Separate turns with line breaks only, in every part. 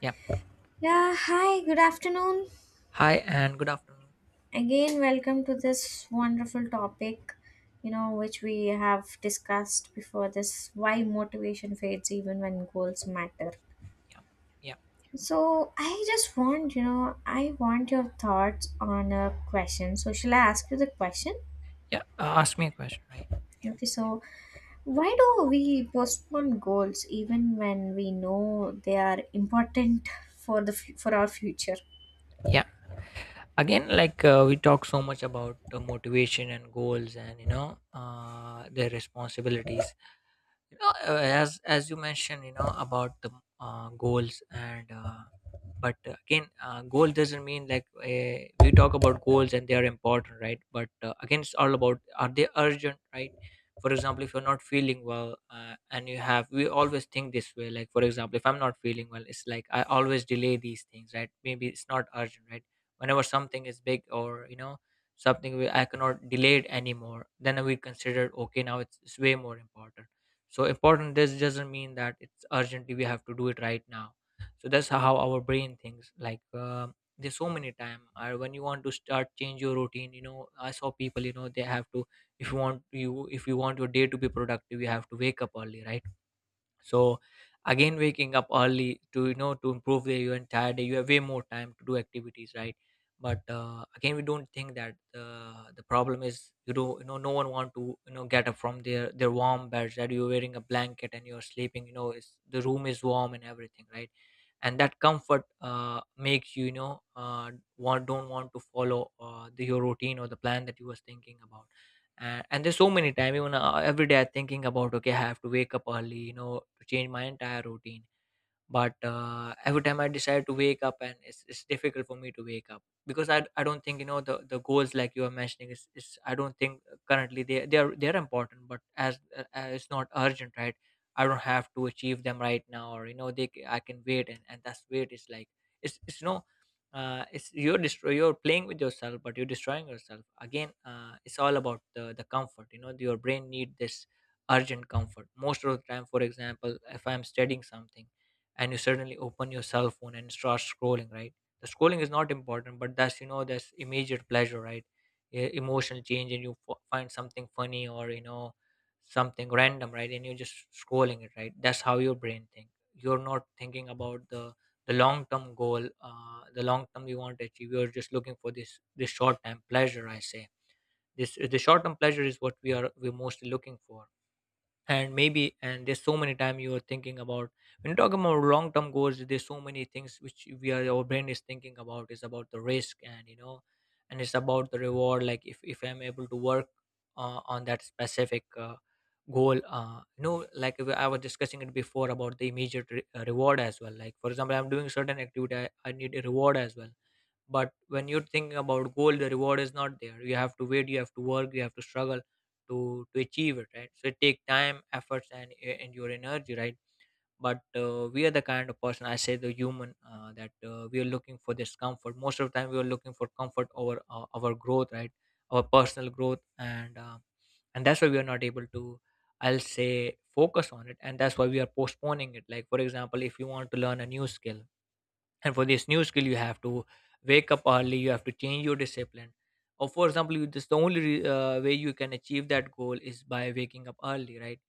Yeah.
Yeah, hi, good afternoon.
Hi and good afternoon.
Again, welcome to this wonderful topic, which we have discussed before this why motivation fades even when goals matter.
Yeah. Yeah.
So, I want your thoughts on a question. So, shall I ask you the question?
Yeah. Ask me a question, right? Yeah.
Okay, so why do we postpone goals even when we know they are important for our future?
Yeah. Again, like we talk so much about motivation and goals and, you know, their responsibilities. Yeah, uh, as you mentioned, you know, about the goals and, but again, goal doesn't mean, like, we talk about goals and they are important, right? But again, it's all about are they urgent, right? For example, if you're not feeling well, and you have, we always think this way, like, for example, if I'm not feeling well, it's like I always delay these things, right? Maybe it's not urgent, right? Whenever something is big, or, you know, something we, I cannot delay it anymore, then we consider, okay, now it's way more important. So important this doesn't mean that it's urgently we have to do it right now. So that's how our brain thinks. Like, there's so many time when you want to start change your routine, you know, I saw people, you know, they have to, if you want, you, if you want your day to be productive, you have to wake up early, right? So again, waking up early to, you know, to improve the, your entire day, you have way more time to do activities, right? But again we don't think that the problem is you do, you know, no one want to, you know, get up from their warm beds that you're wearing a blanket and you're sleeping, you know, it's, the room is warm and everything, right? And that comfort makes you, you know, want, don't want to follow the, your routine or the plan that you was thinking about. And there's so many time, even every day I'm thinking about, okay, I have to wake up early, you know, to change my entire routine. But every time I decide to wake up, and it's difficult for me to wake up because I don't think, you know, the goals like you are mentioning is I don't think currently they are they're important, but as it's not urgent, right? I don't have to achieve them right now, or, you know, they I can wait, and that's wait, it's like it's no, it's, you're destroy, you're playing with yourself, but you're destroying yourself. Again, it's all about the comfort, you know, your brain need this urgent comfort most of the time. For example, if I'm studying something, and you suddenly open your cell phone and start scrolling, right? The scrolling is not important, but that's, you know, that's immediate pleasure, right? Emotional change, and you find something funny, or, you know, something random, right? And you're just scrolling it, right? That's how your brain think. You're not thinking about the long term goal, the long term you want to achieve. You're just looking for this, this short term pleasure, I say. This, the short term pleasure is what we are, we're mostly looking for. And maybe, and there's so many time you are thinking about, when you talk about long term goals, there's so many things which we are, our brain is thinking about is about the risk, and, you know, and it's about the reward. Like, if I'm able to work on that specific goal, you know, like I was discussing it before about the immediate reward as well. Like, for example, I'm doing certain activity, I need a reward as well. But when you're thinking about goal, the reward is not there. You have to wait, you have to work, you have to struggle to achieve it, right? So it take time, efforts, and and your energy, right? But we are the kind of person, I say the human, that we are looking for this comfort. Most of the time, we are looking for comfort over our growth, right? Our personal growth, and that's why we are not able to, I'll say, focus on it. And that's why we are postponing it. Like, for example, if you want to learn a new skill, and for this new skill you have to wake up early, you have to change your discipline, or, for example, you just the only way you can achieve that goal is by waking up early, right?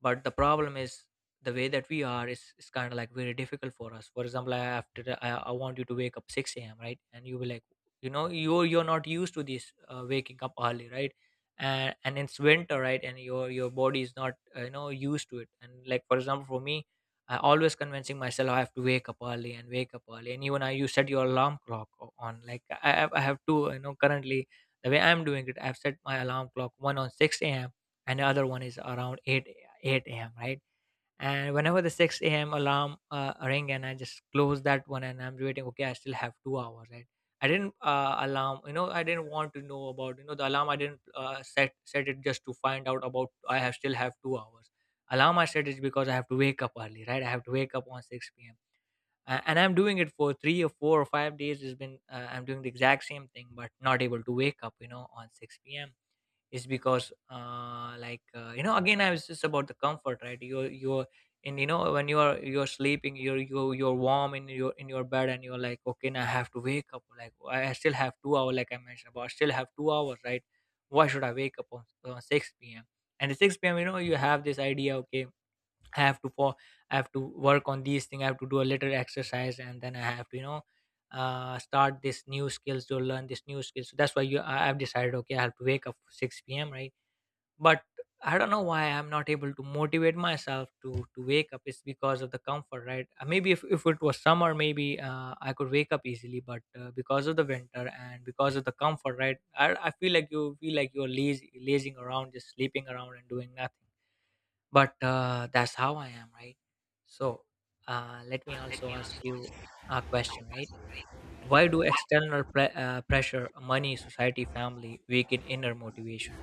But the problem is, the way that we are is kind of like very difficult for us. For example, I after I want you to wake up 6 a.m, right? And you will like, you know, you're not used to this waking up early, right? And it's winter, right? And your body is not you know, used to it. And, like, for example, for me, I always convincing myself I have to wake up early and wake up early. And even I, you set your alarm clock on, like I have, I have two, you know, currently the way I'm doing it, I've set my alarm clock one on 6 a.m, and the other one is around 8 8 a.m., right? And whenever the 6 a.m. alarm ring, and I just close that one, and I'm waiting, okay, I still have 2 hours, right? I didn't alarm, you know, I didn't want to know about, you know, the alarm. I didn't set it just to find out about I have still have 2 hours. Alarm I set is because I have to wake up early, right? I have to wake up on 6 p.m. And I'm doing it for 3 or 4 or 5 days. It's been I'm doing the exact same thing, but not able to wake up, you know, on 6 p.m is because like you know, again, I was just about the comfort, right? You're, and you know, when you are, you're sleeping, you're you're warm in your bed, and you're like, okay, now I have to wake up. Like I still have 2 hours, like I mentioned about, I still have 2 hours, right? Why should I wake up on 6 p.m? And at 6 p.m, you know, you have this idea, okay, I have to for, I have to work on these things. I have to do a little exercise, and then I have to, you know, start this new skills to learn this new skills. So that's why you, I, I've decided, okay, I have to wake up 6 p.m. right, but I don't know why I'm not able to motivate myself to wake up. It's because of the comfort, right? Maybe if it was summer, maybe I could wake up easily, but because of the winter and because of the comfort, right? I feel like you feel like you're lazy, lazing around, just sleeping around and doing nothing. But that's how I am, right? So let me also ask you a question, right? Why do external pressure, money, society, family weaken inner motivation?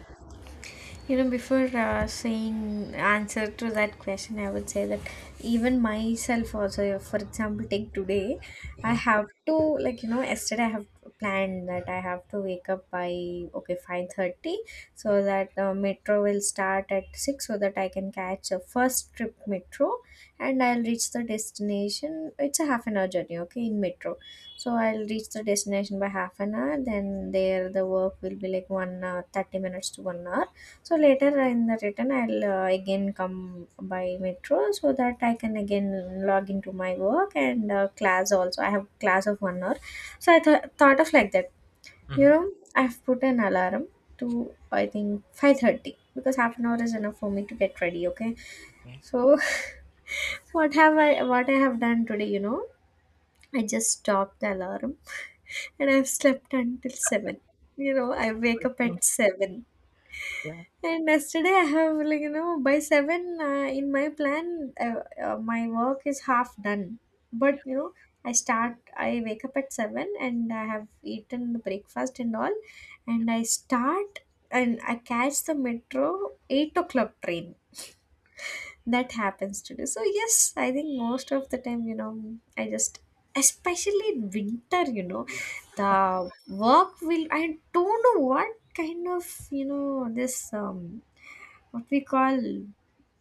You know, before saying answer to that question, I would say that even myself also, for example, take today, I
Yeah,
have to, yesterday I have planned that I have to wake up by okay 5:30,
yeah.
so that metro will start at six, so that I can catch the first trip metro, and I'll reach the destination. It's a half an hour journey, okay, in metro. So I'll reach the destination by half an hour. Then there the work will be like 1 hour, 30 minutes to 1 hour, so later in the return, I'll again come by metro so that I can again log into my work and class also. I have class of 1 hour, so thought of like that. You
Hmm.
know, I've put an alarm to, I think, 5:30, because half an hour is enough for me to get ready. Okay,
Okay.
so what I have done today? You know, I just stopped the alarm and I've slept until seven. You know, I wake up at seven.
Yeah.
And yesterday I have, by seven in my plan, my work is half done. But you know, I wake up at seven, and I have eaten the breakfast and all, and I start and I catch the metro 8 o'clock train. That happens today. So yes, I think most of the time, I just especially in winter, you know,
Yeah,
the work will, I don't know what kind of, this um what we call,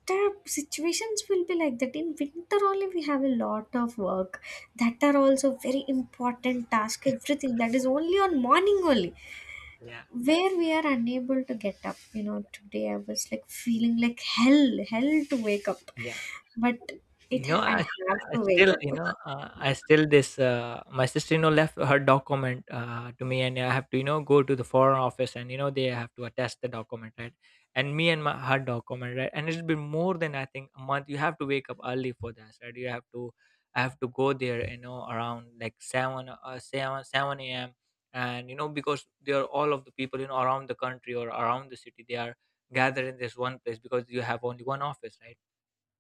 the situations will be like that. In winter only we have a lot of work that are also very important task, everything that is only on morning only,
yeah,
where we are unable to get up. You know, today I was like
yeah,
feeling like hell, hell to wake up,
yeah.
but it
You know,
I have
I
to wake
still, you
up.
know, I still this my sister-in-law left her document to me, and I have to, you know, go to the foreign office, and, you know, they have to attest the document, right? And me and my her document, right? And it'll be more than I think a month you have to wake up early for that, right? You have to, I have to go there, you know, around like 7 7 7 a.m, and you know, because they are all of the people, you know, around the country or around the city, they are gathered in this one place because you have only one office, right?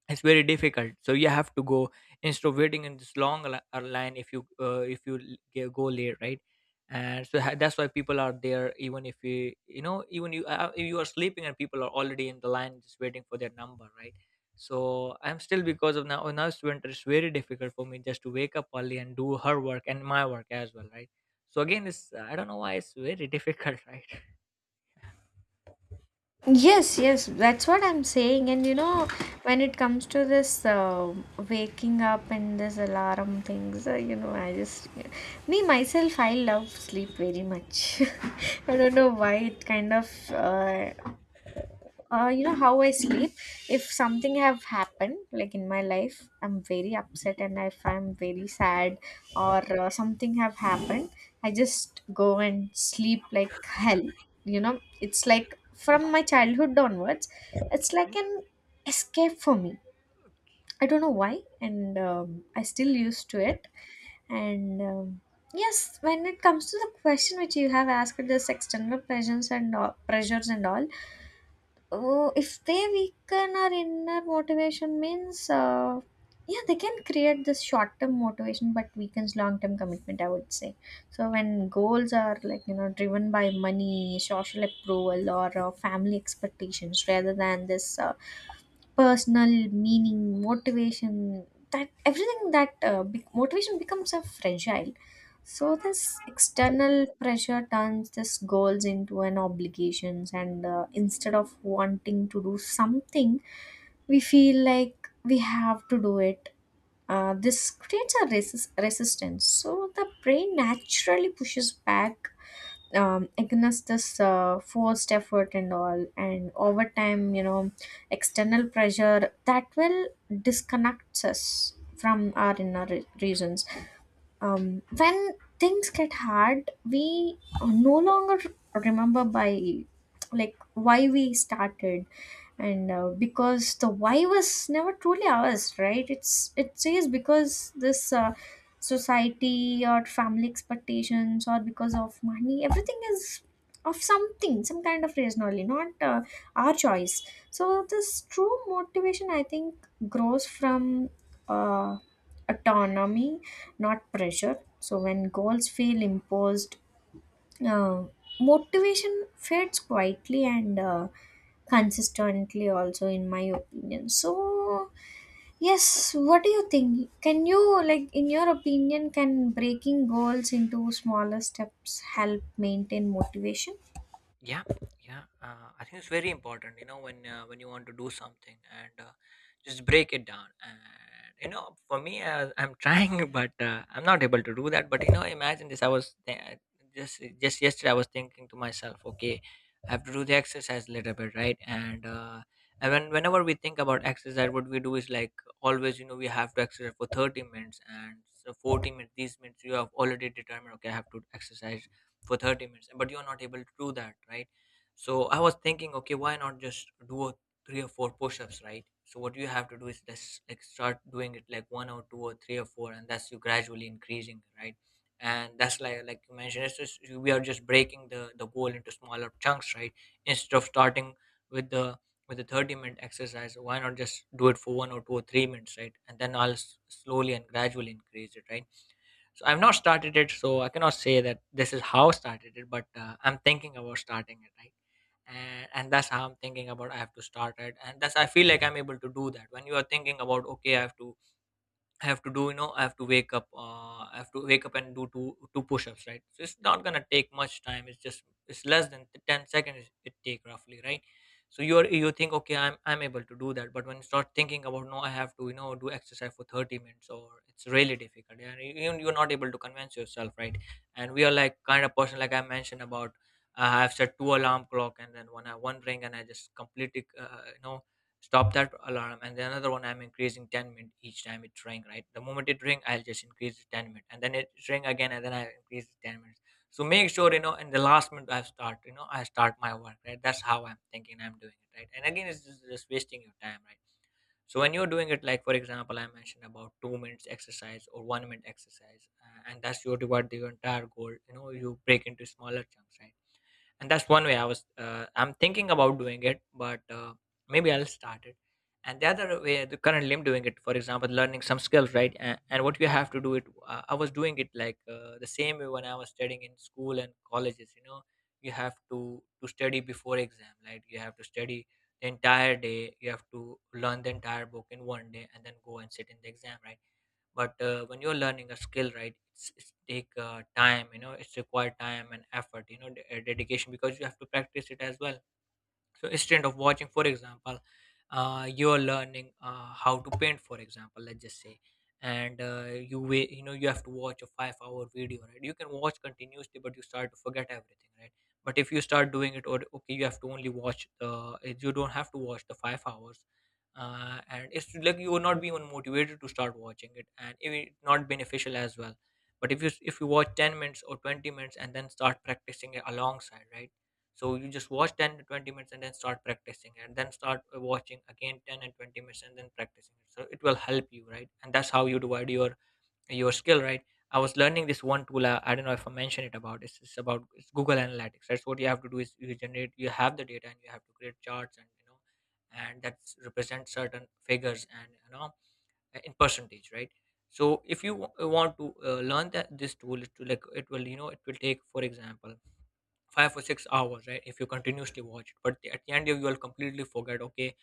It's very difficult, so you have to go instead of waiting in this long line. If you if you g- go late, right? And so that's why people are there even if you, you know, even you if you are sleeping and people are already in the line just waiting for their number, right? So I'm still because of now, now it's winter, it's very difficult for me just to wake up early and do her work and my work as well, right? So again, it's I don't know why it's very difficult right?
Yes, yes, that's what I'm saying. And you know, when it comes to this waking up and this alarm things, you know, I just, me myself, I love sleep very much. I don't know why it kind of you know how I sleep. If something have happened like in my life, I'm very upset, and if I'm very sad or something have happened, I just go and sleep like hell. You know, it's like from my childhood onwards, it's like an escape for me. I don't know why, and I still used to it. And yes, when it comes to the question which you have asked, this external pressures and all, pressures and all. Oh, if they weaken our inner motivation means, yeah, they can create this short-term motivation, but weakens long-term commitment, I would say. So when goals are, like you know, driven by money, social approval, or family expectations, rather than this personal meaning, motivation, that everything that be- motivation becomes a fragile. So this external pressure turns this goals into an obligations, and instead of wanting to do something, we feel like we have to do it. This creates a resistance. So the brain naturally pushes back against this forced effort and all. And over time, you know, external pressure that will disconnect us from our inner reasons. When things get hard, we no longer remember by, like, why we started. And because the why was never truly ours, right? It says, because this society or family expectations, or because of money, everything is of something, some kind of reason only, not our choice. So this true motivation, I think, grows from uh, autonomy, not pressure. So when goals feel imposed, uh, motivation fades quietly and consistently also, in my opinion. So yes, what do you think? Can you like, in your opinion, can breaking goals into smaller steps help maintain motivation?
Yeah, yeah. I think it's very important, you know, when you want to do something, and just break it down. And you know, for me, I'm trying, but I'm not able to do that. But you know, imagine this. Just yesterday. I was thinking to myself, okay, I have to do the exercise a little bit, right? And whenever we think about exercise, what we do is like always, we have to exercise for 30 minutes and so 40 minutes. These minutes you have already determined. Okay, I have to exercise for 30 minutes, but you're not able to do that, right? So I was thinking, okay, why not just do a three or four push-ups, right? So what you have to do is just like start doing it like one or two or three or four, and that's you gradually increasing, right? And that's, like you mentioned, it's just we are just breaking the goal into smaller chunks, right? Instead of starting with the with the 30-minute exercise, why not just do it for 1 or 2 or 3 minutes, right? And then I'll slowly and gradually increase it, right? So I've not started it, so I cannot say that this is how I started it, but I'm thinking about starting it, right? And that's how I'm thinking about, I have to start it, and that's, I feel like I'm able to do that. When you are thinking about, okay, I have to do, you know, I have to wake up, I have to wake up and do two push-ups, right? So it's not gonna take much time. It's just it's less than 10 seconds it take, roughly, right? So you think, okay, I'm able to do that, but when you start thinking about, no, I have to, do exercise for 30 minutes, or it's really difficult, and you're not able to convince yourself, right? And we are like kind of person, like I mentioned about. I've set two alarm clock, and then one, I one ring, and I just completely stop that alarm, and then another one, I'm increasing 10 minutes each time it ring, right? The moment it ring, I'll just increase it 10 minutes, and then it ring again, and then I increase it 10 minutes. So make sure, you know, in the last minute I start, I start my work, right? That's how I'm thinking I'm doing it, right? And again, it's just wasting your time, right? So when you're doing it, like for example I mentioned about, 2 minutes exercise or 1 minute exercise, and that's your divide your entire goal, you know, you break into smaller chunks, right? And that's one way I'm thinking about doing it, but maybe I'll start it. And the other way, the currently I'm doing it, for example, learning some skills, right? And what you have to do it, I was doing it like, the same way when I was studying in school and colleges, you know. You have to study before exam, right? You have to study the entire day, you have to learn the entire book in one day and then go and sit in the exam, right? But when you're learning a skill, right, it's take time, you know, it's required time and effort, you know, dedication, because you have to practice it as well. So instead of watching, for example, you're learning, how to paint, for example, let's just say, and you wait, you know, you have to watch a 5 hour video, right? You can watch continuously, but you start to forget everything, right? But if you start doing it, or okay, you have to only watch the you don't have to watch the 5 hours. Uh, and it's like you will not be even motivated to start watching it, and it will not beneficial as well. But if you watch 10 minutes or 20 minutes and then start practicing it alongside, right? So you just watch 10 to 20 minutes and then start practicing, and then start watching again 10 and 20 minutes and then practicing it. So it will help you, right? And that's how you divide your skill, right? I was learning this one tool. I don't know if I mentioned it about. It's Google Analytics. That's what you have to do is you generate. You have the data, and you have to create charts, and, you know, and that represent certain figures, and you know, in percentage, right? So if you want to learn that this tool, it will, like, it will take for example 5 or 6 hours, right? If you continuously watch it, but at the end you will completely forget. Okay,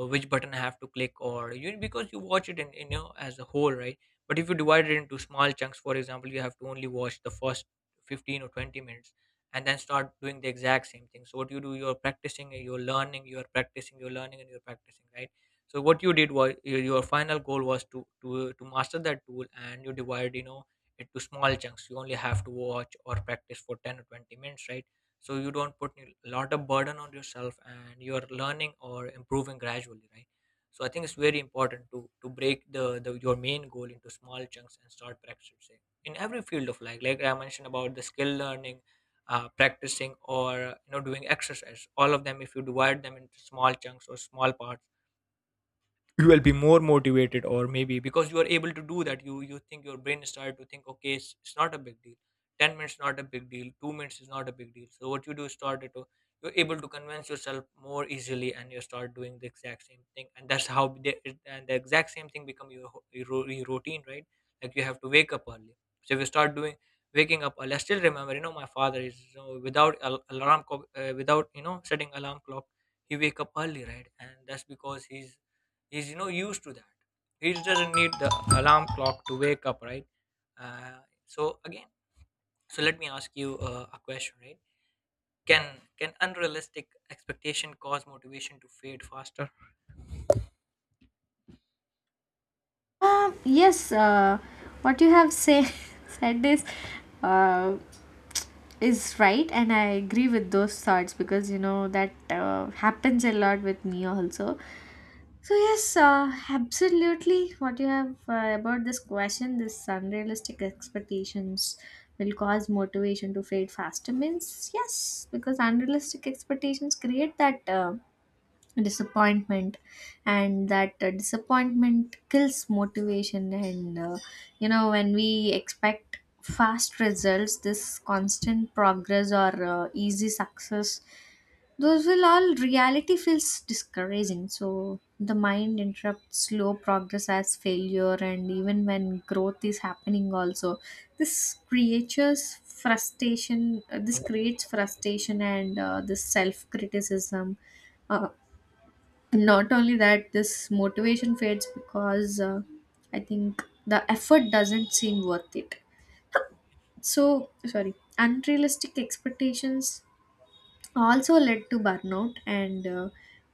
which button I have to click, or you, because you watch it in you know, as a whole, right? But if you divide it into small chunks, for example, you have to only watch the first 15 or 20 minutes, and then start doing the exact same thing. So what you do, you're practicing, you're learning, you're practicing, you're learning, and you're practicing, right? So what you did was your final goal was to master that tool, and you divide, you know, it to small chunks. You only have to watch or practice for 10 or 20 minutes, right? So you don't put a lot of burden on yourself, and you are learning or improving gradually, right? So I think it's very important to break the your main goal into small chunks and start practicing in every field of life, like I mentioned about the skill learning, practicing, or you know, doing exercise, all of them, if you divide them into small chunks or small parts, you will be more motivated, or maybe because you are able to do that, you think, your brain started to think, okay, it's not a big deal, 10 minutes not a big deal, 2 minutes is not a big deal. So what you do is started to, you're able to convince yourself more easily, and you start doing the exact same thing, and that's how and the exact same thing become your, your your routine, right? Like, you have to wake up early. So if you start doing, waking up early, I still remember, you know, my father is, you know, without alarm clock, without, you know, setting alarm clock, he wake up early, right? And that's because he's you know, used to that. He doesn't need the alarm clock to wake up, right? uh, so again, so let me ask you a question, right? Can unrealistic expectation cause motivation to fade faster?
Right, and I agree with those thoughts, because you know that happens a lot with me also. So yes, absolutely. What you have about this question, this unrealistic expectations will cause motivation to fade faster, means yes, because unrealistic expectations create that disappointment, and that disappointment kills motivation. And you know, when we expect fast results, this constant progress or easy success, those will all reality feels discouraging. So the mind interrupts slow progress as failure, and even when growth is happening also, this
Yeah,
creates frustration, and this self criticism. uh, and not only that, this motivation fades because, I think, the effort doesn't seem worth it. So, sorry, unrealistic expectations also led to burnout, and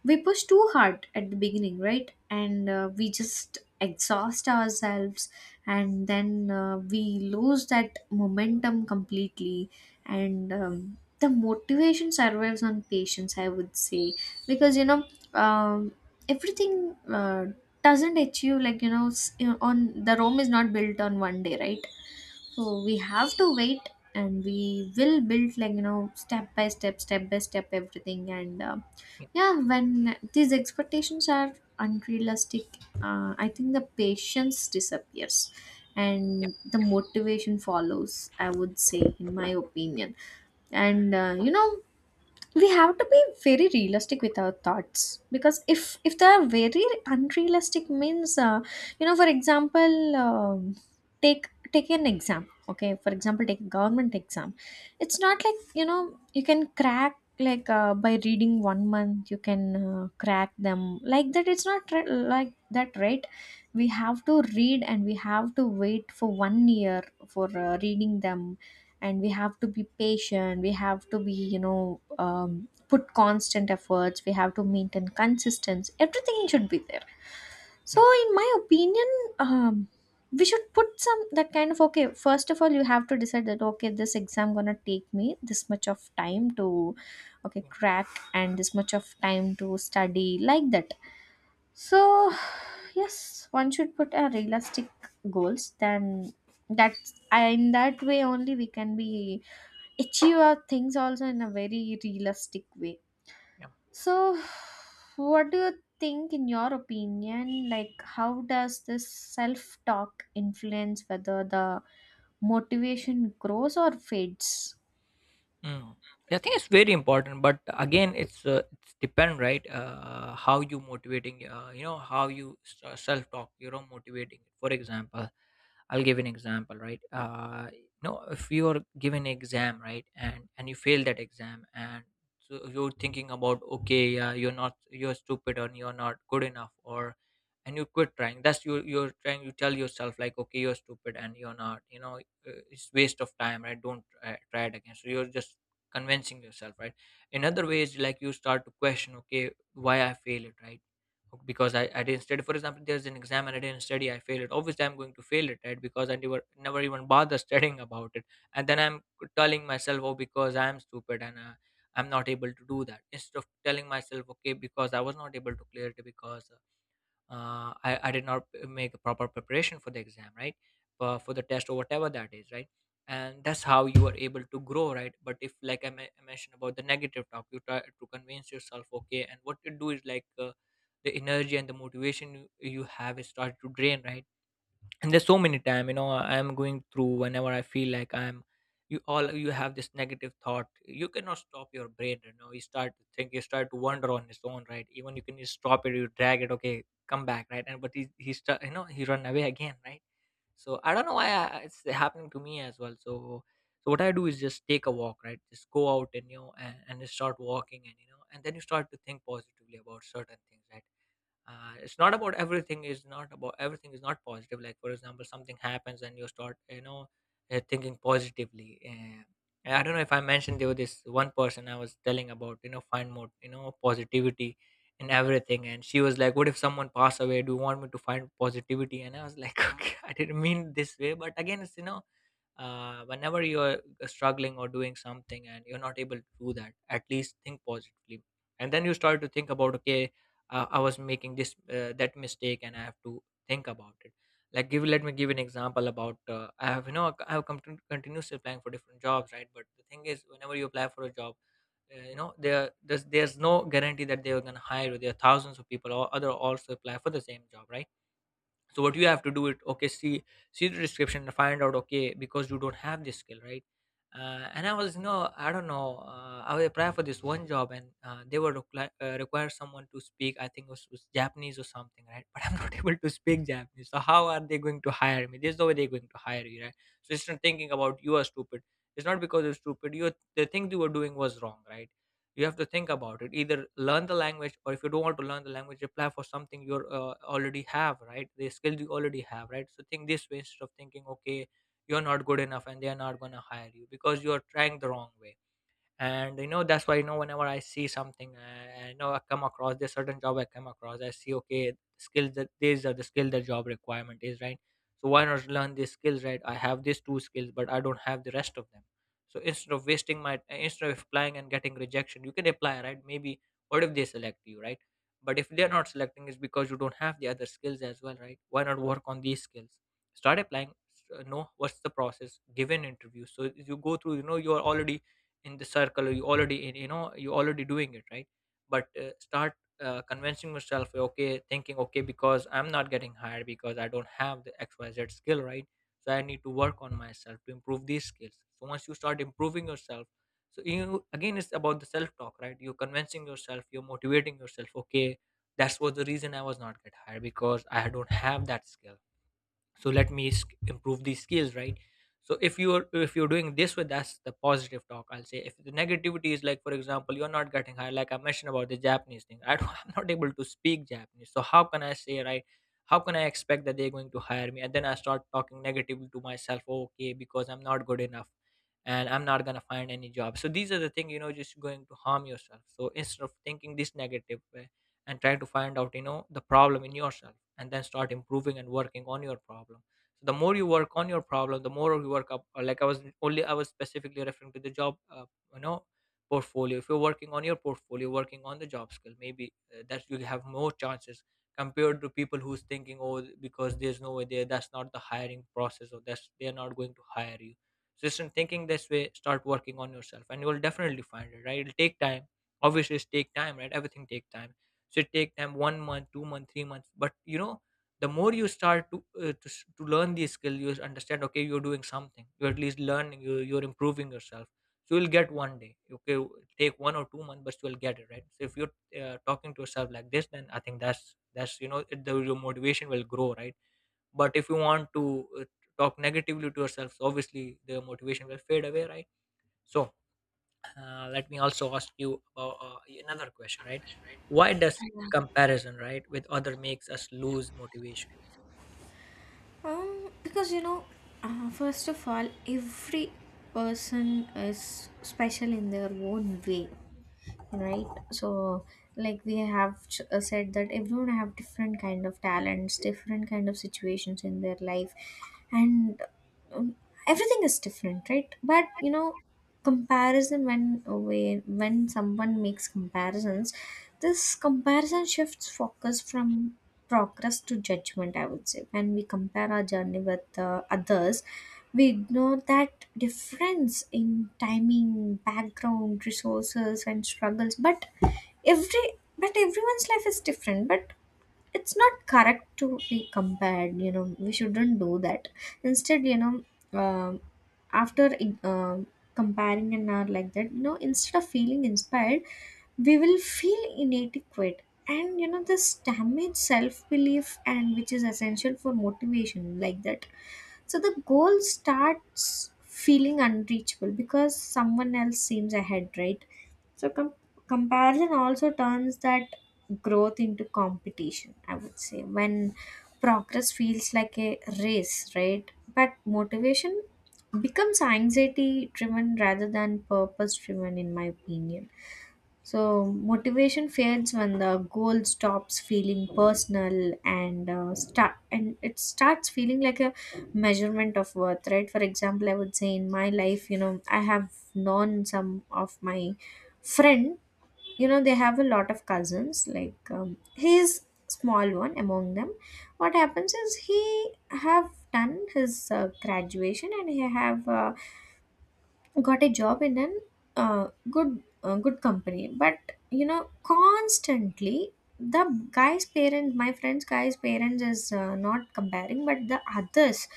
we push too hard at the beginning, right? And we just exhaust ourselves, and then we lose that momentum completely. And the motivation survives on patience, I would say. Because you know, um, everything doesn't achieve, like you know, you know, on the rome is not built on one day, right? So we have to wait, and we will build, like you know, step by step, step by step, everything. And
yeah,
yeah, when these expectations are unrealistic, I think the patience disappears,
yeah,
and the motivation follows, I would say, in my opinion. And you know, we have to be very realistic with our thoughts. Because if they are very unrealistic means, you know, for example, um take take an exam, okay? For example, take a government exam. It's not like, you know, you can crack, like, by reading one month you can crack them, like that. It's not like that, right? We have to read, and we have to wait for one year for reading them. And we have to be patient. We have to be, you know, put constant efforts. We have to maintain consistency, everything should be there. So
yeah,
in my opinion, um, we should put some that kind of, okay, first of all, you have to decide that, okay, this exam gonna take me this much of time to, okay,
yeah.
crack, and this much of time to study, like that. So, yes, one should put a realistic goals. Then that, in that way only, we can be achieve our things also in a very realistic way.
Yeah.
So, what do you think, in your opinion? Like, how does this self talk influence whether the motivation grows or fades?
Mm. I think it's very important, but again, it's depend, right? How you motivating, you know, how you self talk, you know, motivating. For example, I'll give an example, right? No, if you are given an exam, right, and you fail that exam, and so you're thinking about, okay, yeah, you're stupid, or you're not good enough, or and you quit trying. That's you. You're trying. You tell yourself like, okay, you're stupid, and you're not. You know, it's waste of time, right? Don't try, try it again. So you're just convincing yourself, right? In other ways, like you start to question, okay, why I fail it, right? Because I didn't study. For example, there's an exam and I didn't study, I fail it. Obviously, I'm going to fail it, right? Because I never, never even bother studying about it. And then I'm telling myself, oh, because I'm stupid, and I'm not able to do that. Instead of telling myself, okay, because I was not able to clear it, because I did not make a proper preparation for the exam, right? For, the test, or whatever that is, right? And that's how you are able to grow, right? But if like I mentioned about the negative talk, you try to convince yourself, okay, and what you do is like, the energy and the motivation you have is started to drain, right? And there's so many time, you know, I'm going through, whenever I feel like I'm, you, all you have this negative thought, you cannot stop your brain. You know, you start to think, you start to wander on its own, right? Even you can just stop it, you drag it, okay, come back, right? And but he start, you know, he run away again, right? So I don't know why it's happening to me as well. So so what I do is just take a walk, right? Just go out, and you know, and just start walking, and you know, and then you start to think positively about certain things, right? It's not about everything is not positive. Like for example, something happens and you start, you know, thinking positively. I don't know if I mentioned, there was this one person I was telling about, you know, find more, you know, positivity in everything. And she was like, what if someone passed away, do you want me to find positivity? And I was like okay, I didn't mean this way, but again, it's you know whenever you're struggling or doing something, and you're not able to do that, at least think positively. And then you start to think about, okay, I was making this that mistake, and I have to think about it. Like give let me give an example about, I have, you know, I have come to continuously applying for different jobs, right? But the thing is, whenever you apply for a job, you know, there's no guarantee that they are going to hire you. There are thousands of people or other also apply for the same job, right? So what you have to do it, okay, see, see the description and find out, okay, because you don't have this skill, right? And I was no, I don't know, I would apply for this one job, and they were require someone to speak, I think was Japanese or something, right? But I'm not able to speak Japanese, so how are they going to hire me? There's no way they're going to hire you, right? So it's not thinking about you are stupid. It's not because you're stupid, you, the thing you were doing was wrong, right? You have to think about it. Either learn the language, or if you don't want to learn the language, apply for something you already have, right? The skills you already have, right? So think this way, instead of thinking, okay, you're not good enough and they're not going to hire you, because you are trying the wrong way. And you know, that's why, you know, whenever I see something, I know, I come across this certain job, I come across, I see, okay, skills that, these are the skill the job requirement is, right? So why not learn these skills, right? I have these two skills, but I don't have the rest of them. So instead of wasting my instead of applying and getting rejection, you can apply, right? Maybe what if they select you, right? But if they're not selecting, it's because you don't have the other skills as well, right? Why not work on these skills, start applying, know what's the process, give an interview, so you go through, you know, you're already in the circle, or you already in, you know, you already doing it, right? But start convincing yourself, okay, thinking, okay, because I'm not getting hired because I don't have the XYZ skill, right? So I need to work on myself to improve these skills. So once you start improving yourself, so you, again, it's about the self talk, right? You're convincing yourself, you're motivating yourself, okay, that's was the reason I was not get hired, because I don't have that skill. So let me improve these skills, right? So if you're, if you're doing this with, that's the positive talk, I'll say. If the negativity is, like for example, you're not getting high, like I mentioned about the Japanese thing, I don't, I'm not able to speak Japanese, so how can I say, right? How can I expect that they're going to hire me? And then I start talking negatively to myself, okay, because I'm not good enough, and I'm not going to find any job. So these are the thing, you know, just going to harm yourself. So instead of thinking this negative way, and try to find out, you know, the problem in yourself, and then start improving and working on your problem. So the more you work on your problem, the more you work up, or like I was, only I was specifically referring to the job, you know, portfolio, if you're working on your portfolio, working on the job skill, maybe that you have more chances compared to people who's thinking, oh, because there's no way there, that's not the hiring process, or that's, they're not going to hire you. So just in thinking this way, start working on yourself and you will definitely find it, right? It'll take time, obviously, it's take time, right? Everything take time. So it take them 1 month, 2 month, 3 months, but you know, the more you start to to learn these skill, you understand, okay, you're doing something, you're at least learning, you're improving yourself. So you'll get one day, okay, take 1 or 2 months, but you'll get it, right? So if you're talking to yourself like this, then I think that's you know, your motivation will grow, right? But if you want to talk negatively to yourself, so obviously the motivation will fade away, right? So let me also ask you about another question, right? Why does comparison, right, with other makes us lose motivation?
Because first of all, every person is special in their own way, right? So, like we have said that everyone have different kind of talents, different kind of situations in their life, and um, everything is different, right? But you know, comparison, when someone makes comparisons, this comparison shifts focus from progress to judgment, I would say. When we compare our journey with others, we ignore that difference in timing, background, resources, and struggles. But every everyone's life is different. But it's not correct to be compared, you know, we shouldn't do that. Instead, you know, um, after uh, comparing and are like that, you know, instead of feeling inspired, we will feel inadequate. And you know, this damage self-belief, and which is essential for motivation, like that. So the goal starts feeling unreachable because someone else seems ahead, right? So comparison also turns that growth into competition, I would say, when progress feels like a race, right? But motivation becomes anxiety driven rather than purpose driven, in my opinion. So, motivation fades when the goal stops feeling personal and start and it starts feeling like a measurement of worth, right? For example, I would say in my life, you know, I have known some of my friends, you know, they have a lot of cousins, like, he is small one among them. What happens is, he have done his graduation, and he have got a job in an good company. But you know, constantly, the guy's parents my friend's guy's parents is not comparing, but the others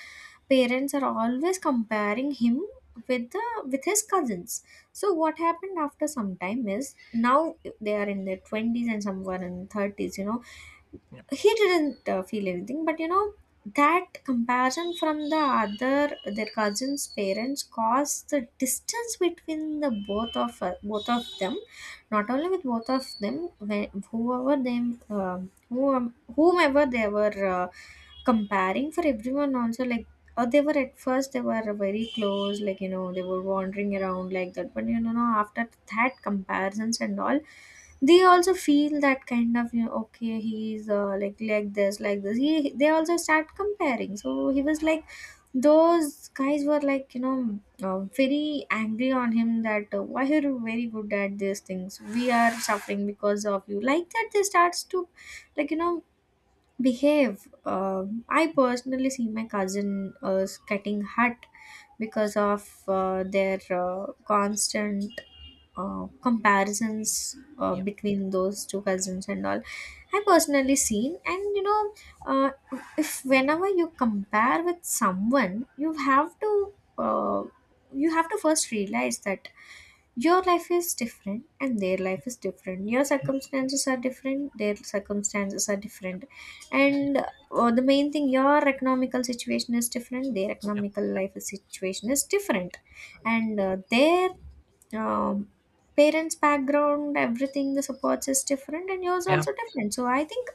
parents are always comparing him with the with his cousins. So what happened after some time is, now they are in their 20s, and some were in 30s, you know.
Yeah,
He didn't feel anything, but you know, that comparison from the other, their cousins parents, caused the distance between the both of them. Not only with both of them. When, whoever them, whomever they were comparing for, everyone also, like, or they were, at first they were very close, like you know, they were wandering around, like that, but you know, after that comparisons and all, they also feel that kind of, you know, okay, he's like this, like this, he, they also start comparing. So he was like those guys were like, you know, very angry on him, that, why are you very good at these things, we are suffering because of you, like that they starts to, like you know, behave. I personally see my cousin getting hurt because of their constant comparisons
yeah,
between those two cousins and all. I personally seen, and you know, uh, if whenever you compare with someone, you have to, uh, first realize that your life is different and their
yeah,
life is different. Your
yeah,
circumstances are different, their circumstances are different. And
yeah,
the main thing, your economical situation is different, their
yeah,
economical situation is different. And their um, parents background, everything the supports is different, and yours
yeah, yeah,
also different. So I think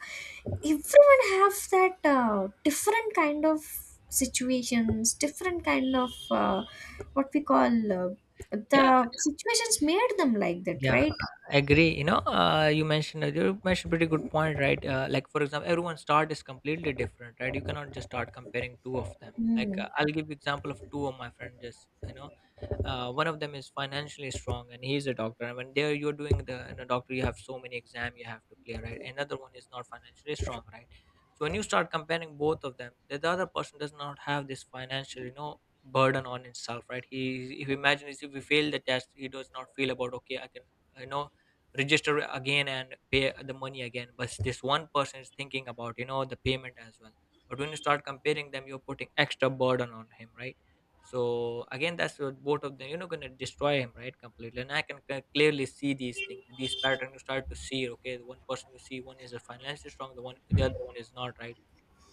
everyone have that different kind of situations, different kind of, what we call, the
yeah.
situations made them like that,
Yeah,
right?
I agree. You know, you mentioned pretty good point, right? Like for example, everyone's start is completely different, right? You cannot just start comparing two of them. Like,
Mm.
I'll give you example of two of my friends. Just you know, one of them is financially strong and he's a doctor. And when there you're doing the in a doctor, you have so many exam you have to clear, right? Another one is not financially strong, right? So when you start comparing both of them, the other person does not have this financial, you know, burden on himself, right? He, if you imagine is if we fail the test, he does not feel about, okay, I can, you know, register again and pay the money again, but this one person is thinking about, you know, the payment as well. But when you start comparing them, you're putting extra burden on him, right? So again, that's what, both of them, you know, going to destroy him right completely. And I can clearly see these things, these patterns, you start to see, okay, the one person you see, one is a financially strong, the other one is not, right?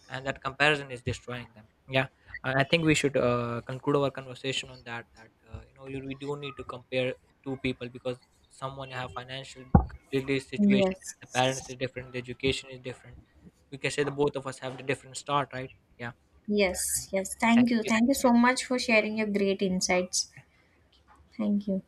And that comparison is destroying them. Yeah. I think we should conclude our conversation on that, that you know, we do need to compare two people, because someone have financial completely situation,
Yes,
the parents is different, the education is different. We can say the both of us have the different start, right? Yeah,
yes, yes,
thank
thank you,
you.
thank you so much for sharing your great insights. Thank you.